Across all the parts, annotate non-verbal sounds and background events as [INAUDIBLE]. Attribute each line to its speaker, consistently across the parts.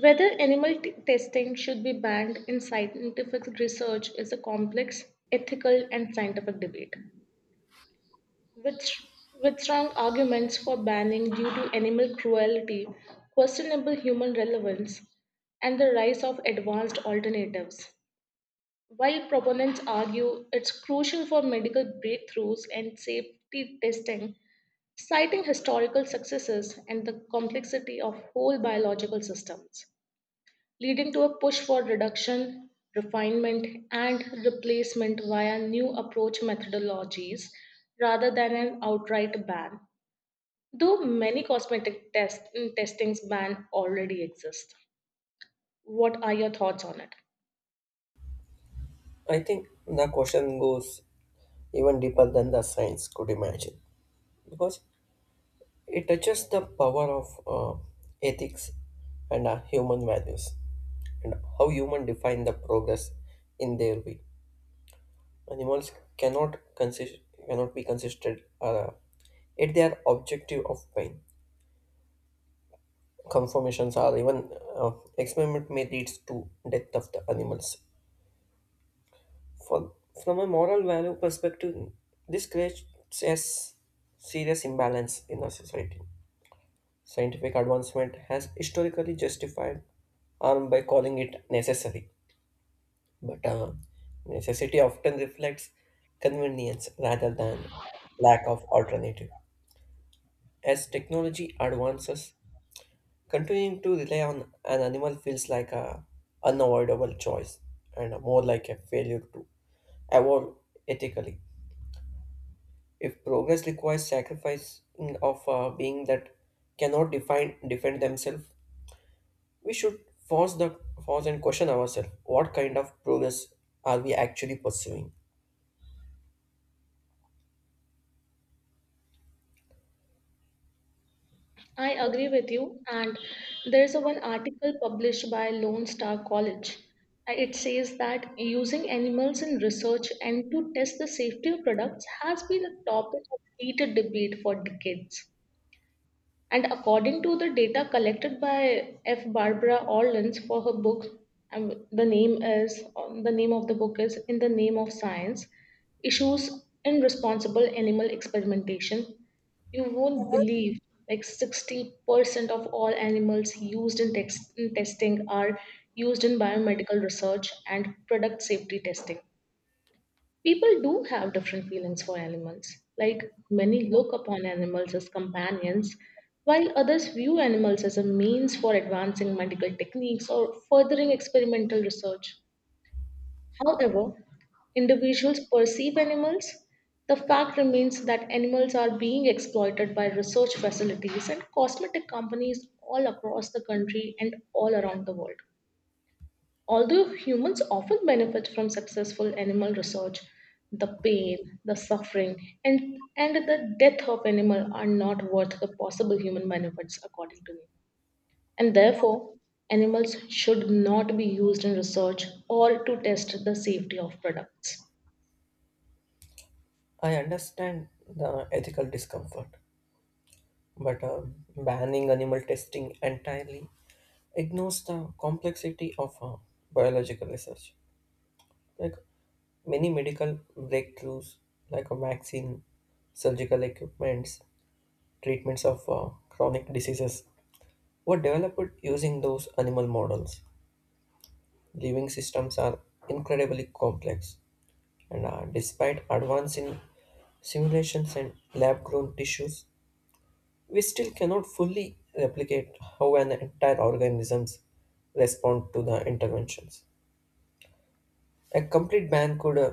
Speaker 1: Whether animal testing should be banned in scientific research is a complex ethical and scientific debate. With, with strong arguments for banning due to animal cruelty, questionable human relevance, and the rise of advanced alternatives. While proponents argue it's crucial for medical breakthroughs and safety testing, citing historical successes and the complexity of whole biological systems leading to a push for reduction, refinement, and replacement via new approach methodologies rather than an outright ban, though many cosmetic testings ban already exist. What are your thoughts on it?
Speaker 2: I think the question goes even deeper than the science could imagine because it touches the power of ethics and human values and how humans define the progress in their way. Animals cannot consist cannot be considered at their objective of pain. Confirmations are even experiment may lead to death of the animals For, from a moral value perspective, this creates a serious imbalance in our society. Scientific advancement has historically justified harm by calling it necessary, but necessity often reflects convenience rather than lack of alternative. As technology advances, continuing to rely on an animal feels like a unavoidable choice and more like a failure to evolve ethically. If progress requires sacrifice of being that cannot define defend themselves, we should force the force and question ourselves: what kind of progress are we actually pursuing?
Speaker 1: I agree with you, and there's a one article published by Lone Star College. It says that using animals in research and to test the safety of products has been a topic of heated debate for decades. And according to the data collected by F. Barbara Orleans for her book, the name of the book is In the Name of Science, issues in responsible animal experimentation. You won't believe like 60% of all animals used in testing are used in biomedical research and product safety testing. People do have different feelings for animals. Like many look upon animals as companions, while others view animals as a means for advancing medical techniques or furthering experimental research. However, individuals perceive animals, the fact remains that animals are being exploited by research facilities and cosmetic companies all across the country and all around the world. Although humans often benefit from successful animal research, the pain, the suffering, and the death of animal are not worth the possible human benefits, according to me. And therefore, animals should not be used in research or to test the safety of products.
Speaker 2: I understand the ethical discomfort, but banning animal testing entirely ignores the complexity of biological research. Like many medical breakthroughs, like a vaccine, surgical equipments, treatments of chronic diseases were developed using those animal models. Living systems are incredibly complex, and despite advance in simulations and lab grown tissues, we still cannot fully replicate how an entire organisms respond to the interventions. A complete ban could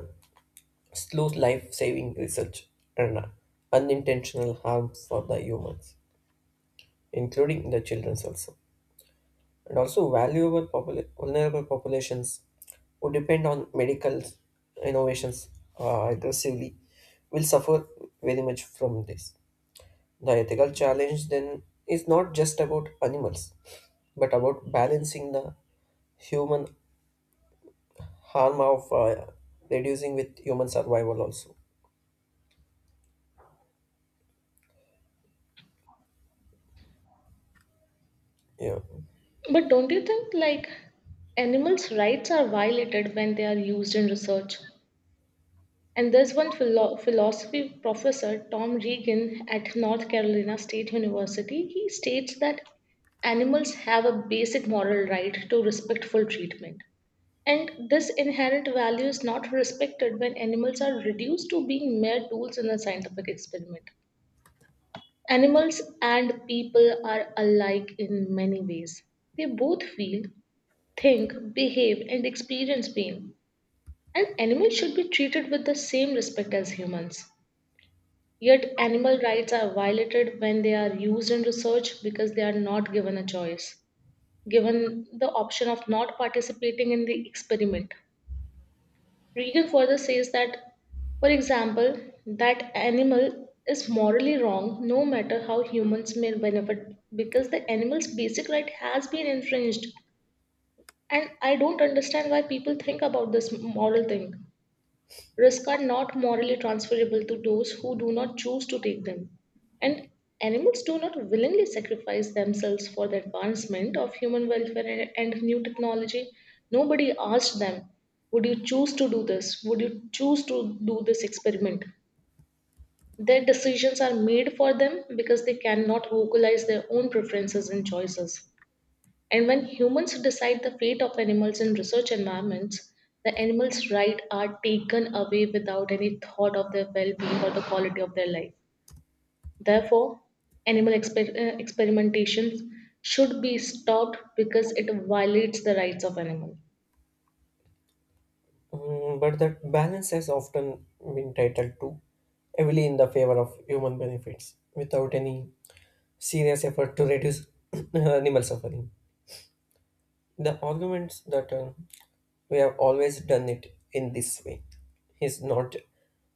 Speaker 2: slow life saving research and unintentional harm for the humans, including the children also. And also valuable vulnerable populations who depend on medical innovations aggressively will suffer very much from this. The ethical challenge then is not just about animals, but about balancing the human harm of reducing with human survival also. Yeah.
Speaker 1: But don't you think like animals' rights are violated when they are used in research? And there's one philosophy professor, Tom Regan, at North Carolina State University. He states that animals have a basic moral right to respectful treatment. And this inherent value is not respected when animals are reduced to being mere tools in a scientific experiment. Animals and people are alike in many ways. They both feel, think, behave, and experience pain. And animals should be treated with the same respect as humans. Yet animal rights are violated when they are used in research because they are not given a choice, given the option of not participating in the experiment. Regan further says that, for example, that animal is morally wrong no matter how humans may benefit because the animal's basic right has been infringed. And I don't understand why people think about this moral thing. Risks are not morally transferable to those who do not choose to take them. And animals do not willingly sacrifice themselves for the advancement of human welfare and new technology. Nobody asked them, would you choose to do this? Would you choose to do this experiment? Their decisions are made for them because they cannot vocalize their own preferences and choices. And when humans decide the fate of animals in research environments, the animals' rights are taken away without any thought of their well being or the quality of their life. Therefore, animal experimentations should be stopped because it violates the rights of animals.
Speaker 2: Mm, but that balance has often been titled to heavily in the favor of human benefits without any serious effort to reduce [CLEARS THROAT] animal suffering. The arguments that we have always done it in this way is not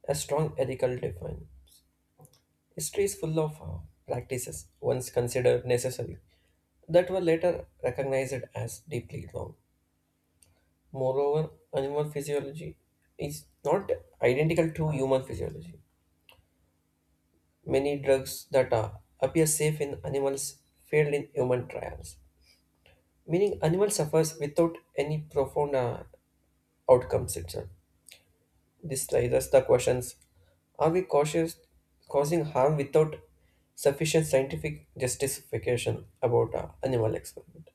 Speaker 2: a strong ethical define. History is full of practices once considered necessary that were later recognized as deeply wrong. Moreover, animal physiology is not identical to human physiology. Many drugs that are, appear safe in animals failed in human trials, meaning animal suffers without any profound outcomes itself. This raises the questions: are we cautious causing harm without sufficient scientific justification about animal experiment?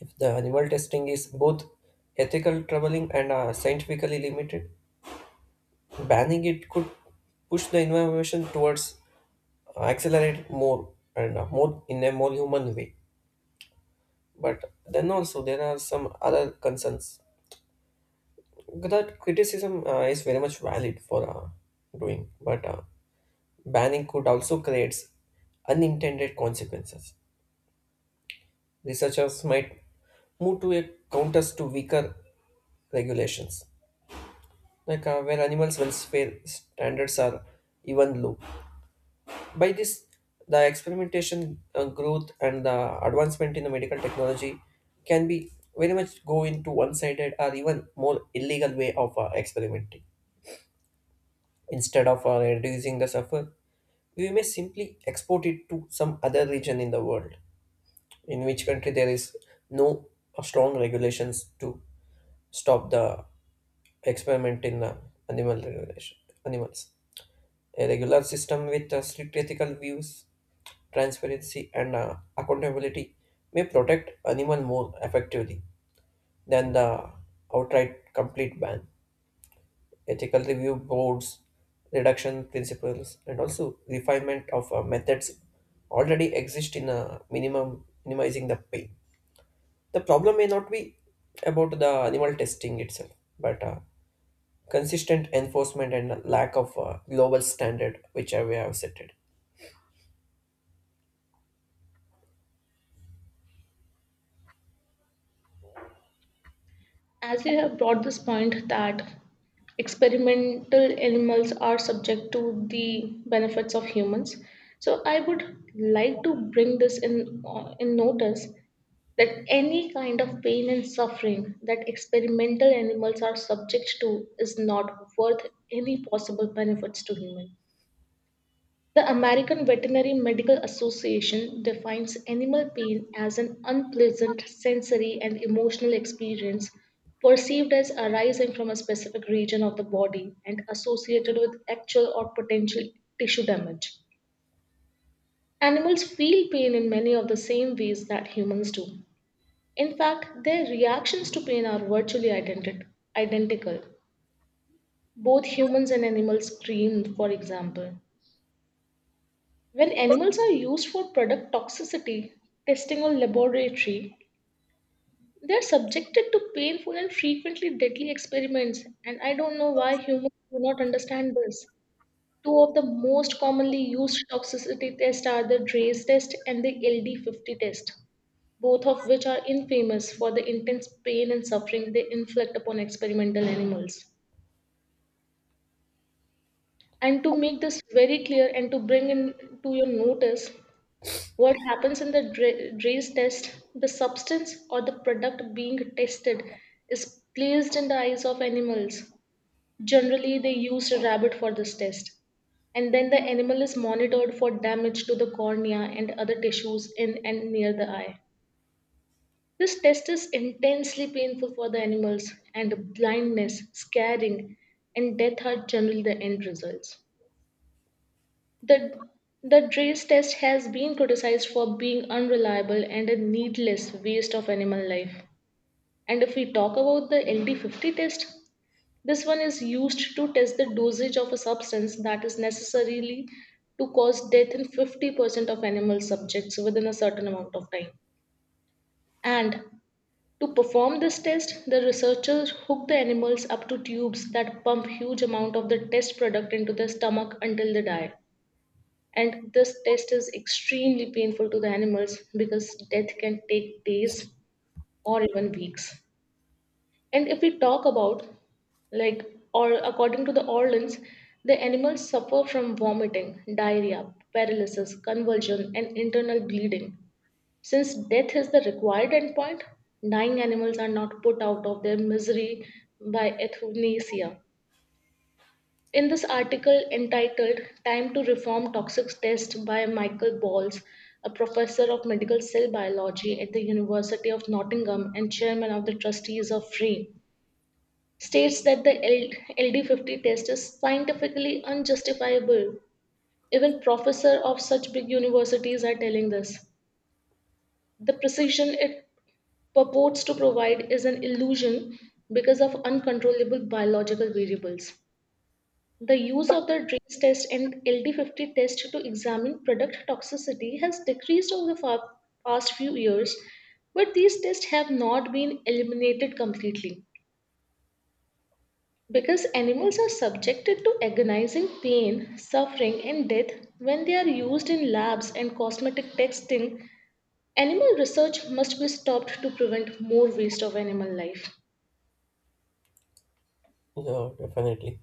Speaker 2: If the animal testing is both ethical troubling and scientifically limited, banning it could push the innovation towards accelerate it more and more in a more human way. But then also there are some other concerns that criticism is very much valid for doing, but banning could also creates unintended consequences. Researchers might move to a counters to weaker regulations, like where animals' welfare standards are even low. By this, the experimentation, growth, and the advancement in the medical technology can be very much go into one-sided or even more illegal way of experimenting. Instead of reducing the suffer, we may simply export it to some other region in the world, in which country there is no strong regulations to stop the experiment in animal regulation, animals. A regular system with strict ethical views transparency, and accountability may protect animal more effectively than the outright complete ban. Ethical review boards, reduction principles, and also refinement of methods already exist in a minimum minimizing the pain. The problem may not be about the animal testing itself, but consistent enforcement and lack of global standard which we have set it.
Speaker 1: As you have brought this point that experimental animals are subject to the benefits of humans so I would like to bring this in notice that any kind of pain and suffering that experimental animals are subject to is not worth any possible benefits to human. The American Veterinary Medical Association defines animal pain as an unpleasant sensory and emotional experience perceived as arising from a specific region of the body and associated with actual or potential tissue damage. Animals feel pain in many of the same ways that humans do. In fact, their reactions to pain are virtually identical. Both humans and animals scream, for example. When animals are used for product toxicity testing or laboratory, they are subjected to painful and frequently deadly experiments, and I don't know why humans do not understand this. Two of the most commonly used toxicity tests are the DRACE test and the LD50 test, both of which are infamous for the intense pain and suffering they inflict upon experimental animals. And to make this very clear and to bring in to your notice what happens in the Dre's test, the substance or the product being tested is placed in the eyes of animals. Generally, they used a rabbit for this test. And then the animal is monitored for damage to the cornea and other tissues in and near the eye. This test is intensely painful for the animals, and blindness, scarring, and death are generally the end results. The, the DRACE test has been criticized for being unreliable and a needless waste of animal life. And if we talk about the LD50 test, this one is used to test the dosage of a substance that is necessarily to cause death in 50% of animal subjects within a certain amount of time. And to perform this test, the researchers hook the animals up to tubes that pump huge amount of the test product into their stomach until they die. And this test is extremely painful to the animals because death can take days or even weeks. And if we talk about like or according to the Orleans, the animals suffer from vomiting, diarrhea, paralysis, convulsion, and internal bleeding. Since death is the required endpoint, dying animals are not put out of their misery by euthanasia. In this article entitled Time to Reform Toxic Test by Michael Balls, a professor of medical cell biology at the University of Nottingham and chairman of the trustees of FREE, states that the LD50 test is scientifically unjustifiable. Even professors of such big universities are telling this. The precision it purports to provide is an illusion because of uncontrollable biological variables. The use of the DRACE test and LD50 test to examine product toxicity has decreased over the past few years, but these tests have not been eliminated completely. Because animals are subjected to agonizing pain, suffering, and death when they are used in labs and cosmetic testing, animal research must be stopped to prevent more waste of animal life.
Speaker 2: Yeah, definitely.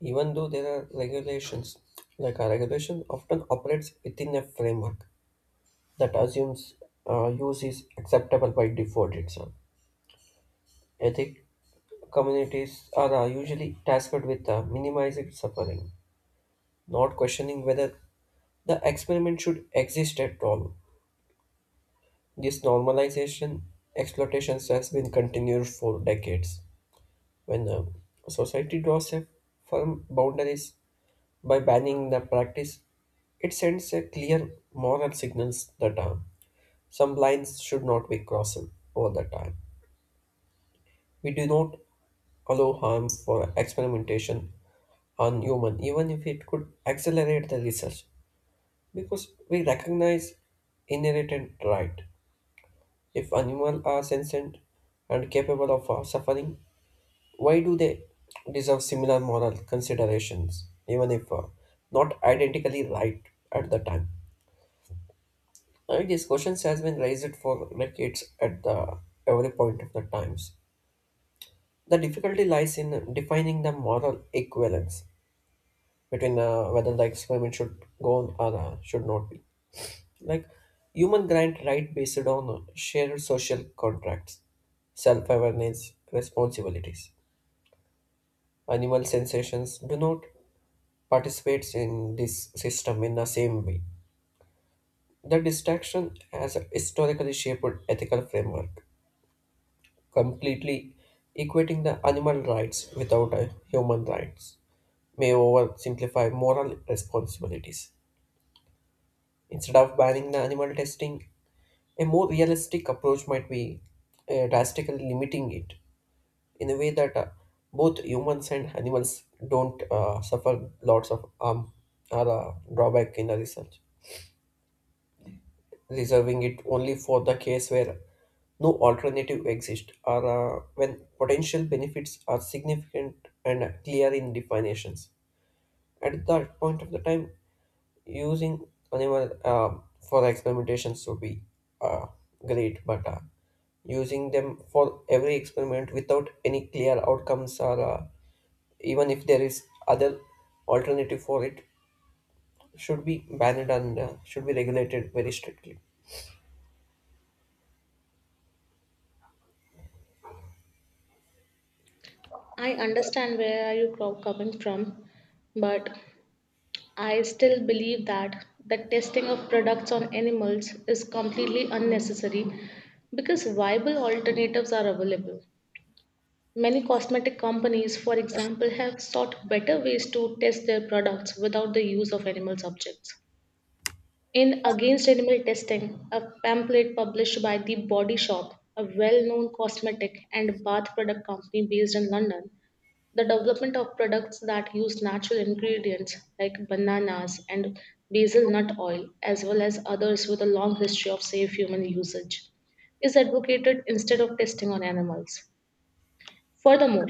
Speaker 2: Even though there are regulations, like a regulation often operates within a framework that assumes use is acceptable by default itself. Ethic communities are usually tasked with minimizing suffering, not questioning whether the experiment should exist at all. This normalization exploitation has been continued for decades. When society draws a firm boundaries by banning the practice, it sends a clear moral signals that some lines should not be crossed over the time. We do not allow harm for experimentation on human, even if it could accelerate the research, because we recognize inherent right. If animals are sentient and capable of suffering, why do they deserve similar moral considerations, even if not identically right at the time? These questions has been raised for decades at the every point of the times. The difficulty lies in defining the moral equivalence between whether the experiment should go on or should not be. Like human grant right based on shared social contracts, self-awareness, responsibilities. Animal sensations do not participate in this system in the same way. The distraction has historically shaped ethical framework completely equating the animal rights without a human rights may oversimplify moral responsibilities. Instead of banning the animal testing, a more realistic approach might be drastically limiting it in a way that both humans and animals don't suffer lots of harm or drawback in the research, reserving it only for the case where no alternative exists or when potential benefits are significant and clear in definitions. At that point of the time, using animal for experimentations would be uh, great, but using them for every experiment without any clear outcomes or even if there is other alternative for it should be banned and should be regulated very strictly.
Speaker 1: I understand where are you coming from, but I still believe that the testing of products on animals is completely unnecessary because viable alternatives are available. Many cosmetic companies, for example, have sought better ways to test their products without the use of animal subjects. In Against Animal Testing, a pamphlet published by The Body Shop, a well known cosmetic and bath product company based in London, the development of products that use natural ingredients like bananas and basil nut oil, as well as others with a long history of safe human usage, is advocated instead of testing on animals. Furthermore,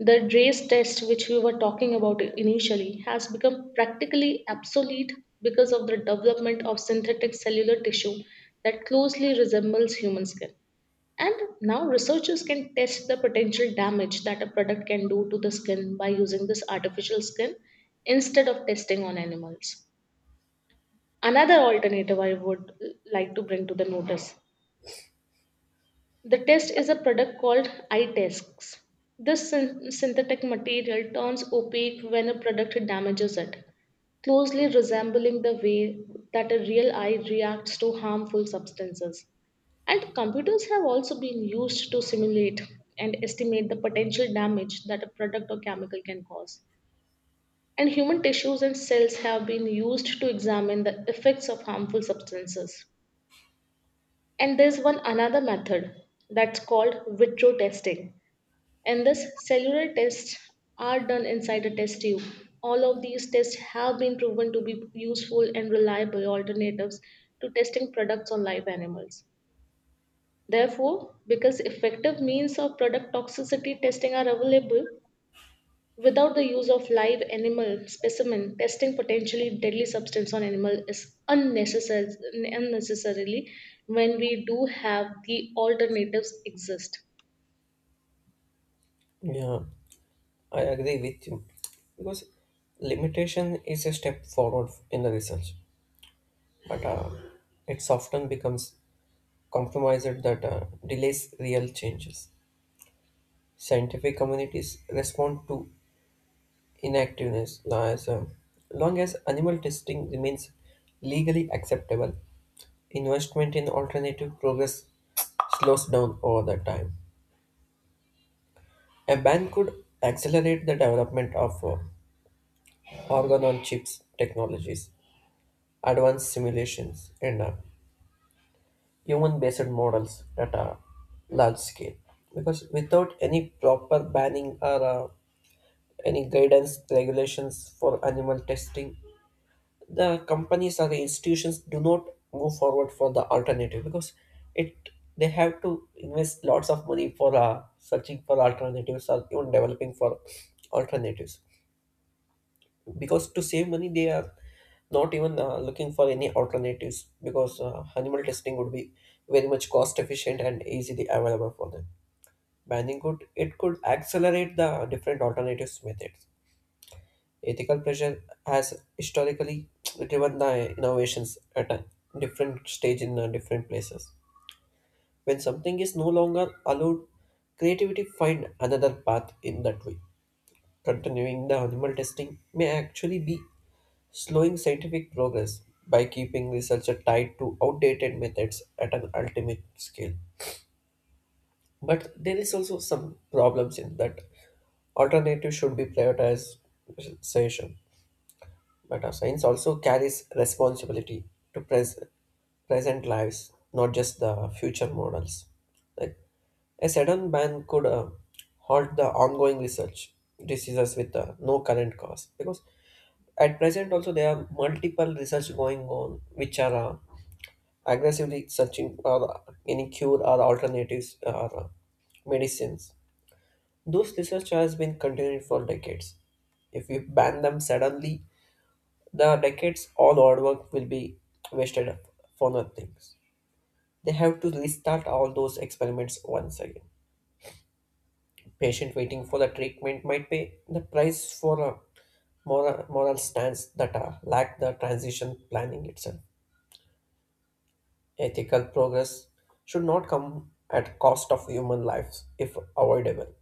Speaker 1: the DRACE test, which we were talking about initially, has become practically obsolete because of the development of synthetic cellular tissue that closely resembles human skin. And now researchers can test the potential damage that a product can do to the skin by using this artificial skin instead of testing on animals. Another alternative I would like to bring to the notice. The test is a product called iTests. This synthetic material turns opaque when a product damages it, closely resembling the way that a real eye reacts to harmful substances. And computers have also been used to simulate and estimate the potential damage that a product or chemical can cause. And human tissues and cells have been used to examine the effects of harmful substances. And there's one another method that's called vitro testing. And this cellular tests are done inside a test tube. All of these tests have been proven to be useful and reliable alternatives to testing products on live animals. Therefore, because effective means of product toxicity testing are available, without the use of live animal specimen, testing potentially deadly substance on animal is unnecessary, unnecessarily when we do have the alternatives exist.
Speaker 2: Yeah, I agree with you because limitation is a step forward in the research, but it often becomes compromised that delays real changes. Scientific communities respond to inactiveness as long as animal testing remains legally acceptable. Investment in alternative progress slows down over the time. A ban could accelerate the development of organ-on-chips technologies advanced simulations and human-based models that are large scale. Because without any proper banning or any guidance regulations for animal testing, the companies or the institutions do not move forward for the alternative because it they have to invest lots of money for searching for alternatives or even developing for alternatives because to save money they are not even looking for any alternatives because animal testing would be very much cost efficient and easily available for them. Banning could it could accelerate the different alternatives methods. Ethical pressure has historically driven the innovations at a different stage in different places when something is no longer allowed creativity find another path in that way. Continuing the animal testing may actually be slowing scientific progress by keeping research tied to outdated methods at an ultimate scale. But there is also some problems in that alternative should be prioritization. But our science also carries responsibility to present lives, not just the future models. Like a sudden ban could halt the ongoing research diseases with no current cause because at present, also there are multiple research going on which are aggressively searching for any cure or alternatives or medicines. Those research has been continued for decades. If we ban them suddenly, the decades all hard work will be wasted up for nothing. They have to restart all those experiments once again. Patient waiting for the treatment might pay the price for a moral stance that lack the transition planning itself. Ethical progress should not come at cost of human lives if avoidable.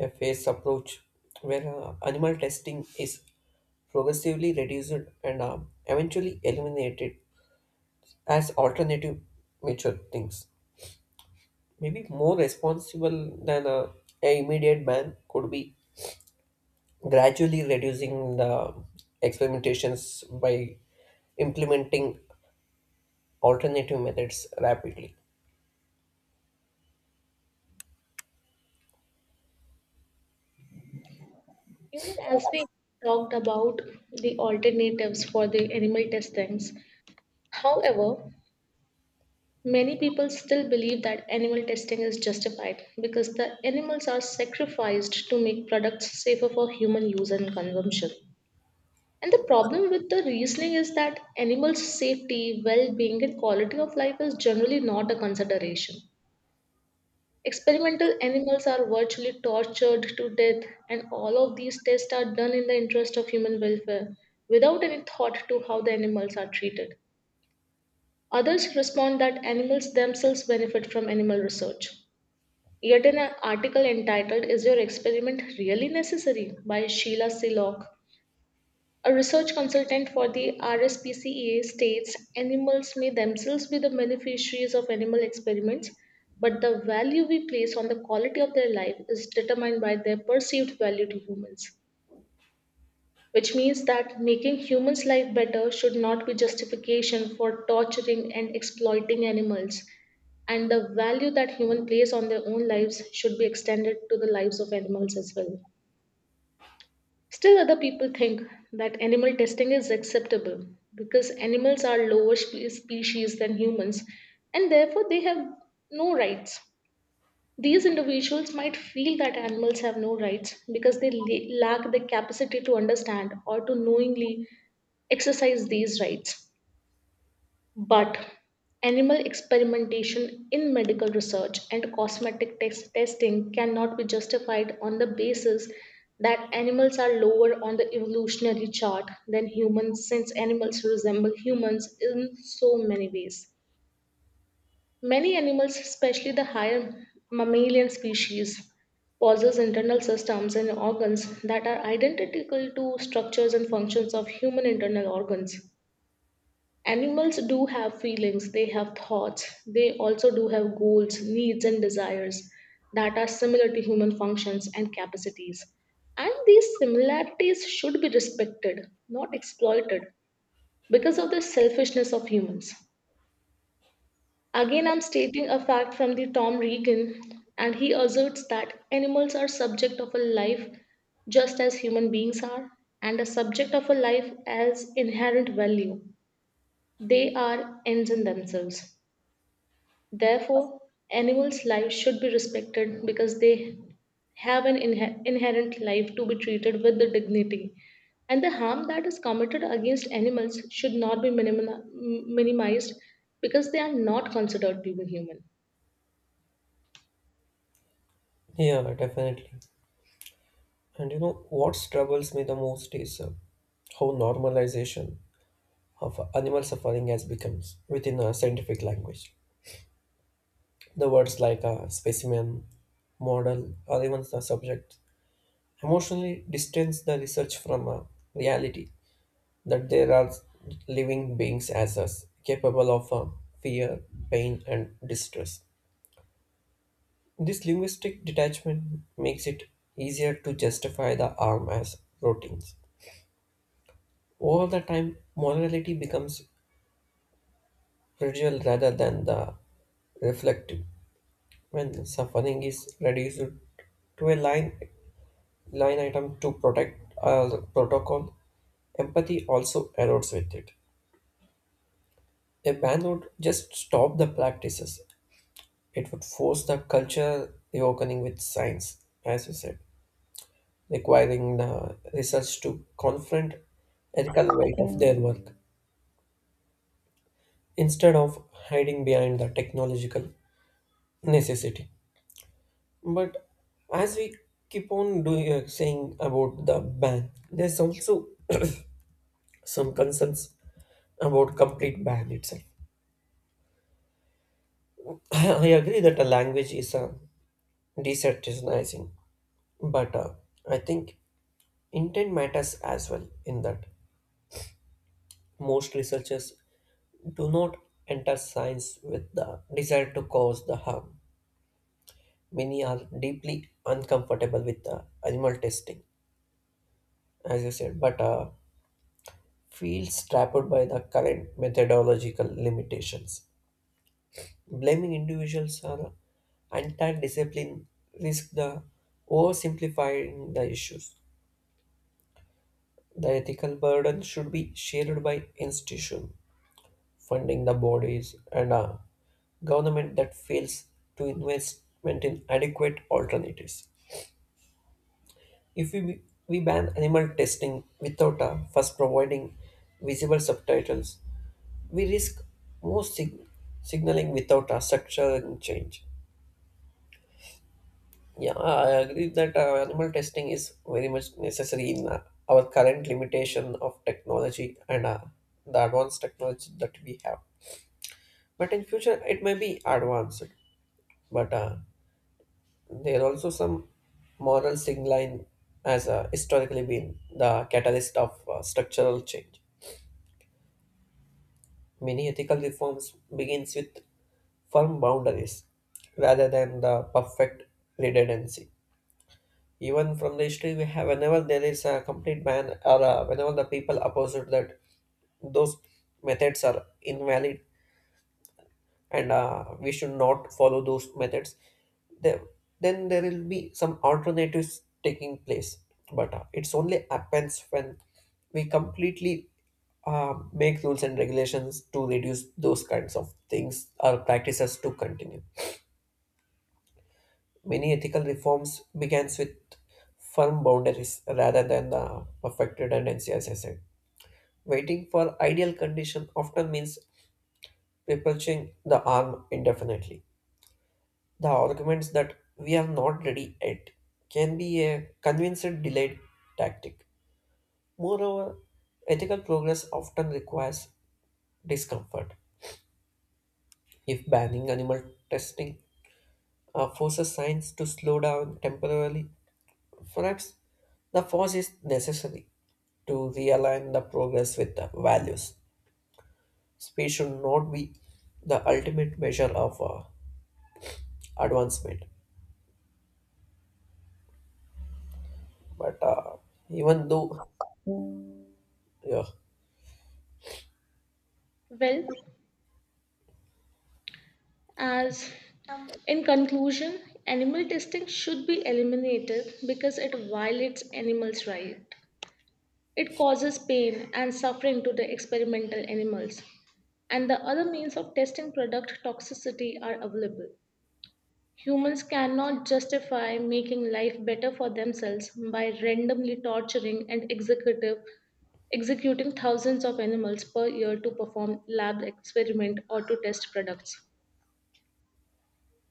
Speaker 2: A phased approach where animal testing is progressively reduced and eventually eliminated as alternative mature things. Maybe more responsible than a immediate ban could be gradually reducing the experimentations by implementing alternative methods rapidly.
Speaker 1: You know, as we talked about the alternatives for the animal testings, however, many people still believe that animal testing is justified because the animals are sacrificed to make products safer for human use and consumption. And the problem with the reasoning is that animals' safety, well being, and quality of life is generally not a consideration. Experimental animals are virtually tortured to death, and all of these tests are done in the interest of human welfare without any thought to how the animals are treated. Others respond that animals themselves benefit from animal research. Yet, an article entitled Is Your Experiment Really Necessary by Sheila Sillock, a research consultant for the RSPCA, states animals may themselves be the beneficiaries of animal experiments, but the value we place on the quality of their life is determined by their perceived value to humans, which means that making humans' life better should not be justification for torturing and exploiting animals, and the value that humans place on their own lives should be extended to the lives of animals as well. Still, other people think that animal testing is acceptable because animals are lower species than humans and therefore they have no rights. These individuals might feel that animals have no rights because they lack the capacity to understand or to knowingly exercise these rights. But animal experimentation in medical research and cosmetic testing cannot be justified on the basis that animals are lower on the evolutionary chart than humans, since animals resemble humans in so many ways. Many animals, especially the higher mammalian species, possess internal systems and organs that are identical to structures and functions of human internal organs. Animals do have feelings, they have thoughts, they also do have goals, needs, and desires that are similar to human functions and capacities. And these similarities should be respected, not exploited, because of the selfishness of humans. Again, I'm stating a fact from the Tom Regan, and he asserts that animals are subject of a life just as human beings are, and a subject of a life as inherent value. They are ends in themselves. Therefore, animals' lives should be respected because they have an inherent life to be treated with the dignity. And the harm that is committed against animals should not be minimized because they are not considered to be human.
Speaker 2: Yeah, definitely. And you know what troubles me the most is how normalization of animal suffering has become within a scientific language. The words like specimen, model, or even the subject emotionally distance the research from reality that there are living beings as us, capable of fear, pain, and distress. This linguistic detachment makes it easier to justify the arm as proteins. Over the time, morality becomes fragile rather than the reflective. When suffering is reduced to a line item to protect a protocol, empathy also erodes with it. A ban would just stop the practices. It would force the culture reopening with science, as you said, requiring the research to confront ethical weight of their work instead of hiding behind the technological necessity. But as we keep on doing saying about the ban, there's also [CLEARS THROAT] some concerns about complete ban itself. [LAUGHS] I agree that a language is a desaturating, but I think intent matters as well in that most researchers do not enter science with the desire to cause the harm. Many are deeply uncomfortable with the animal testing, as you said, but feels trapped by the current methodological limitations. Blaming individuals or entire discipline risk the oversimplifying the issues. The ethical burden should be shared by institutions funding the bodies and a government that fails to investment in adequate alternatives. If we, we ban animal testing without first providing visible subtitles, we risk more signaling without a structural change. Yeah, I agree that animal testing is very much necessary in our current limitation of technology and the advanced technology that we have. But in future, it may be advanced. But there are also some moral signaling has historically been the catalyst of structural change. Many ethical reforms begins with firm boundaries rather than the perfect redundancy. Even from the history we have, whenever there is a complete ban or whenever the people opposite that those methods are invalid and we should not follow those methods, there, then there will be some alternatives taking place. But it's only happens when we completely make rules and regulations to reduce those kinds of things or practices to continue. Many ethical reforms begins with firm boundaries rather than the perfect redundancy, as I said. Waiting for ideal condition often means perpetuating the arm indefinitely. The arguments that we are not ready yet can be a convincing delayed tactic. Moreover, ethical progress often requires discomfort. If banning animal testing forces science to slow down temporarily, for us, the force is necessary to realign the progress with the values. Speed should not be the ultimate measure of advancement. But even though, yeah,
Speaker 1: Well, as in conclusion, animal testing should be eliminated because it violates animals' rights. It causes pain and suffering to the experimental animals. And the other means of testing product toxicity are available. Humans cannot justify making life better for themselves by randomly torturing and executing thousands of animals per year to perform lab experiment or to test products.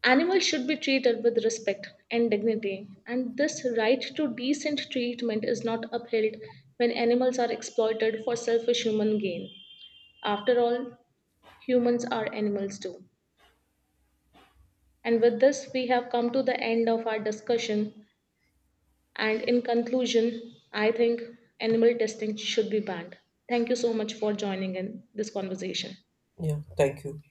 Speaker 1: Animals should be treated with respect and dignity, and this right to decent treatment is not upheld when animals are exploited for selfish human gain. After all, humans are animals too. And with this, we have come to the end of our discussion. And in conclusion, I think animal testing should be banned. Thank you so much for joining in this conversation.
Speaker 2: yeah, thank you.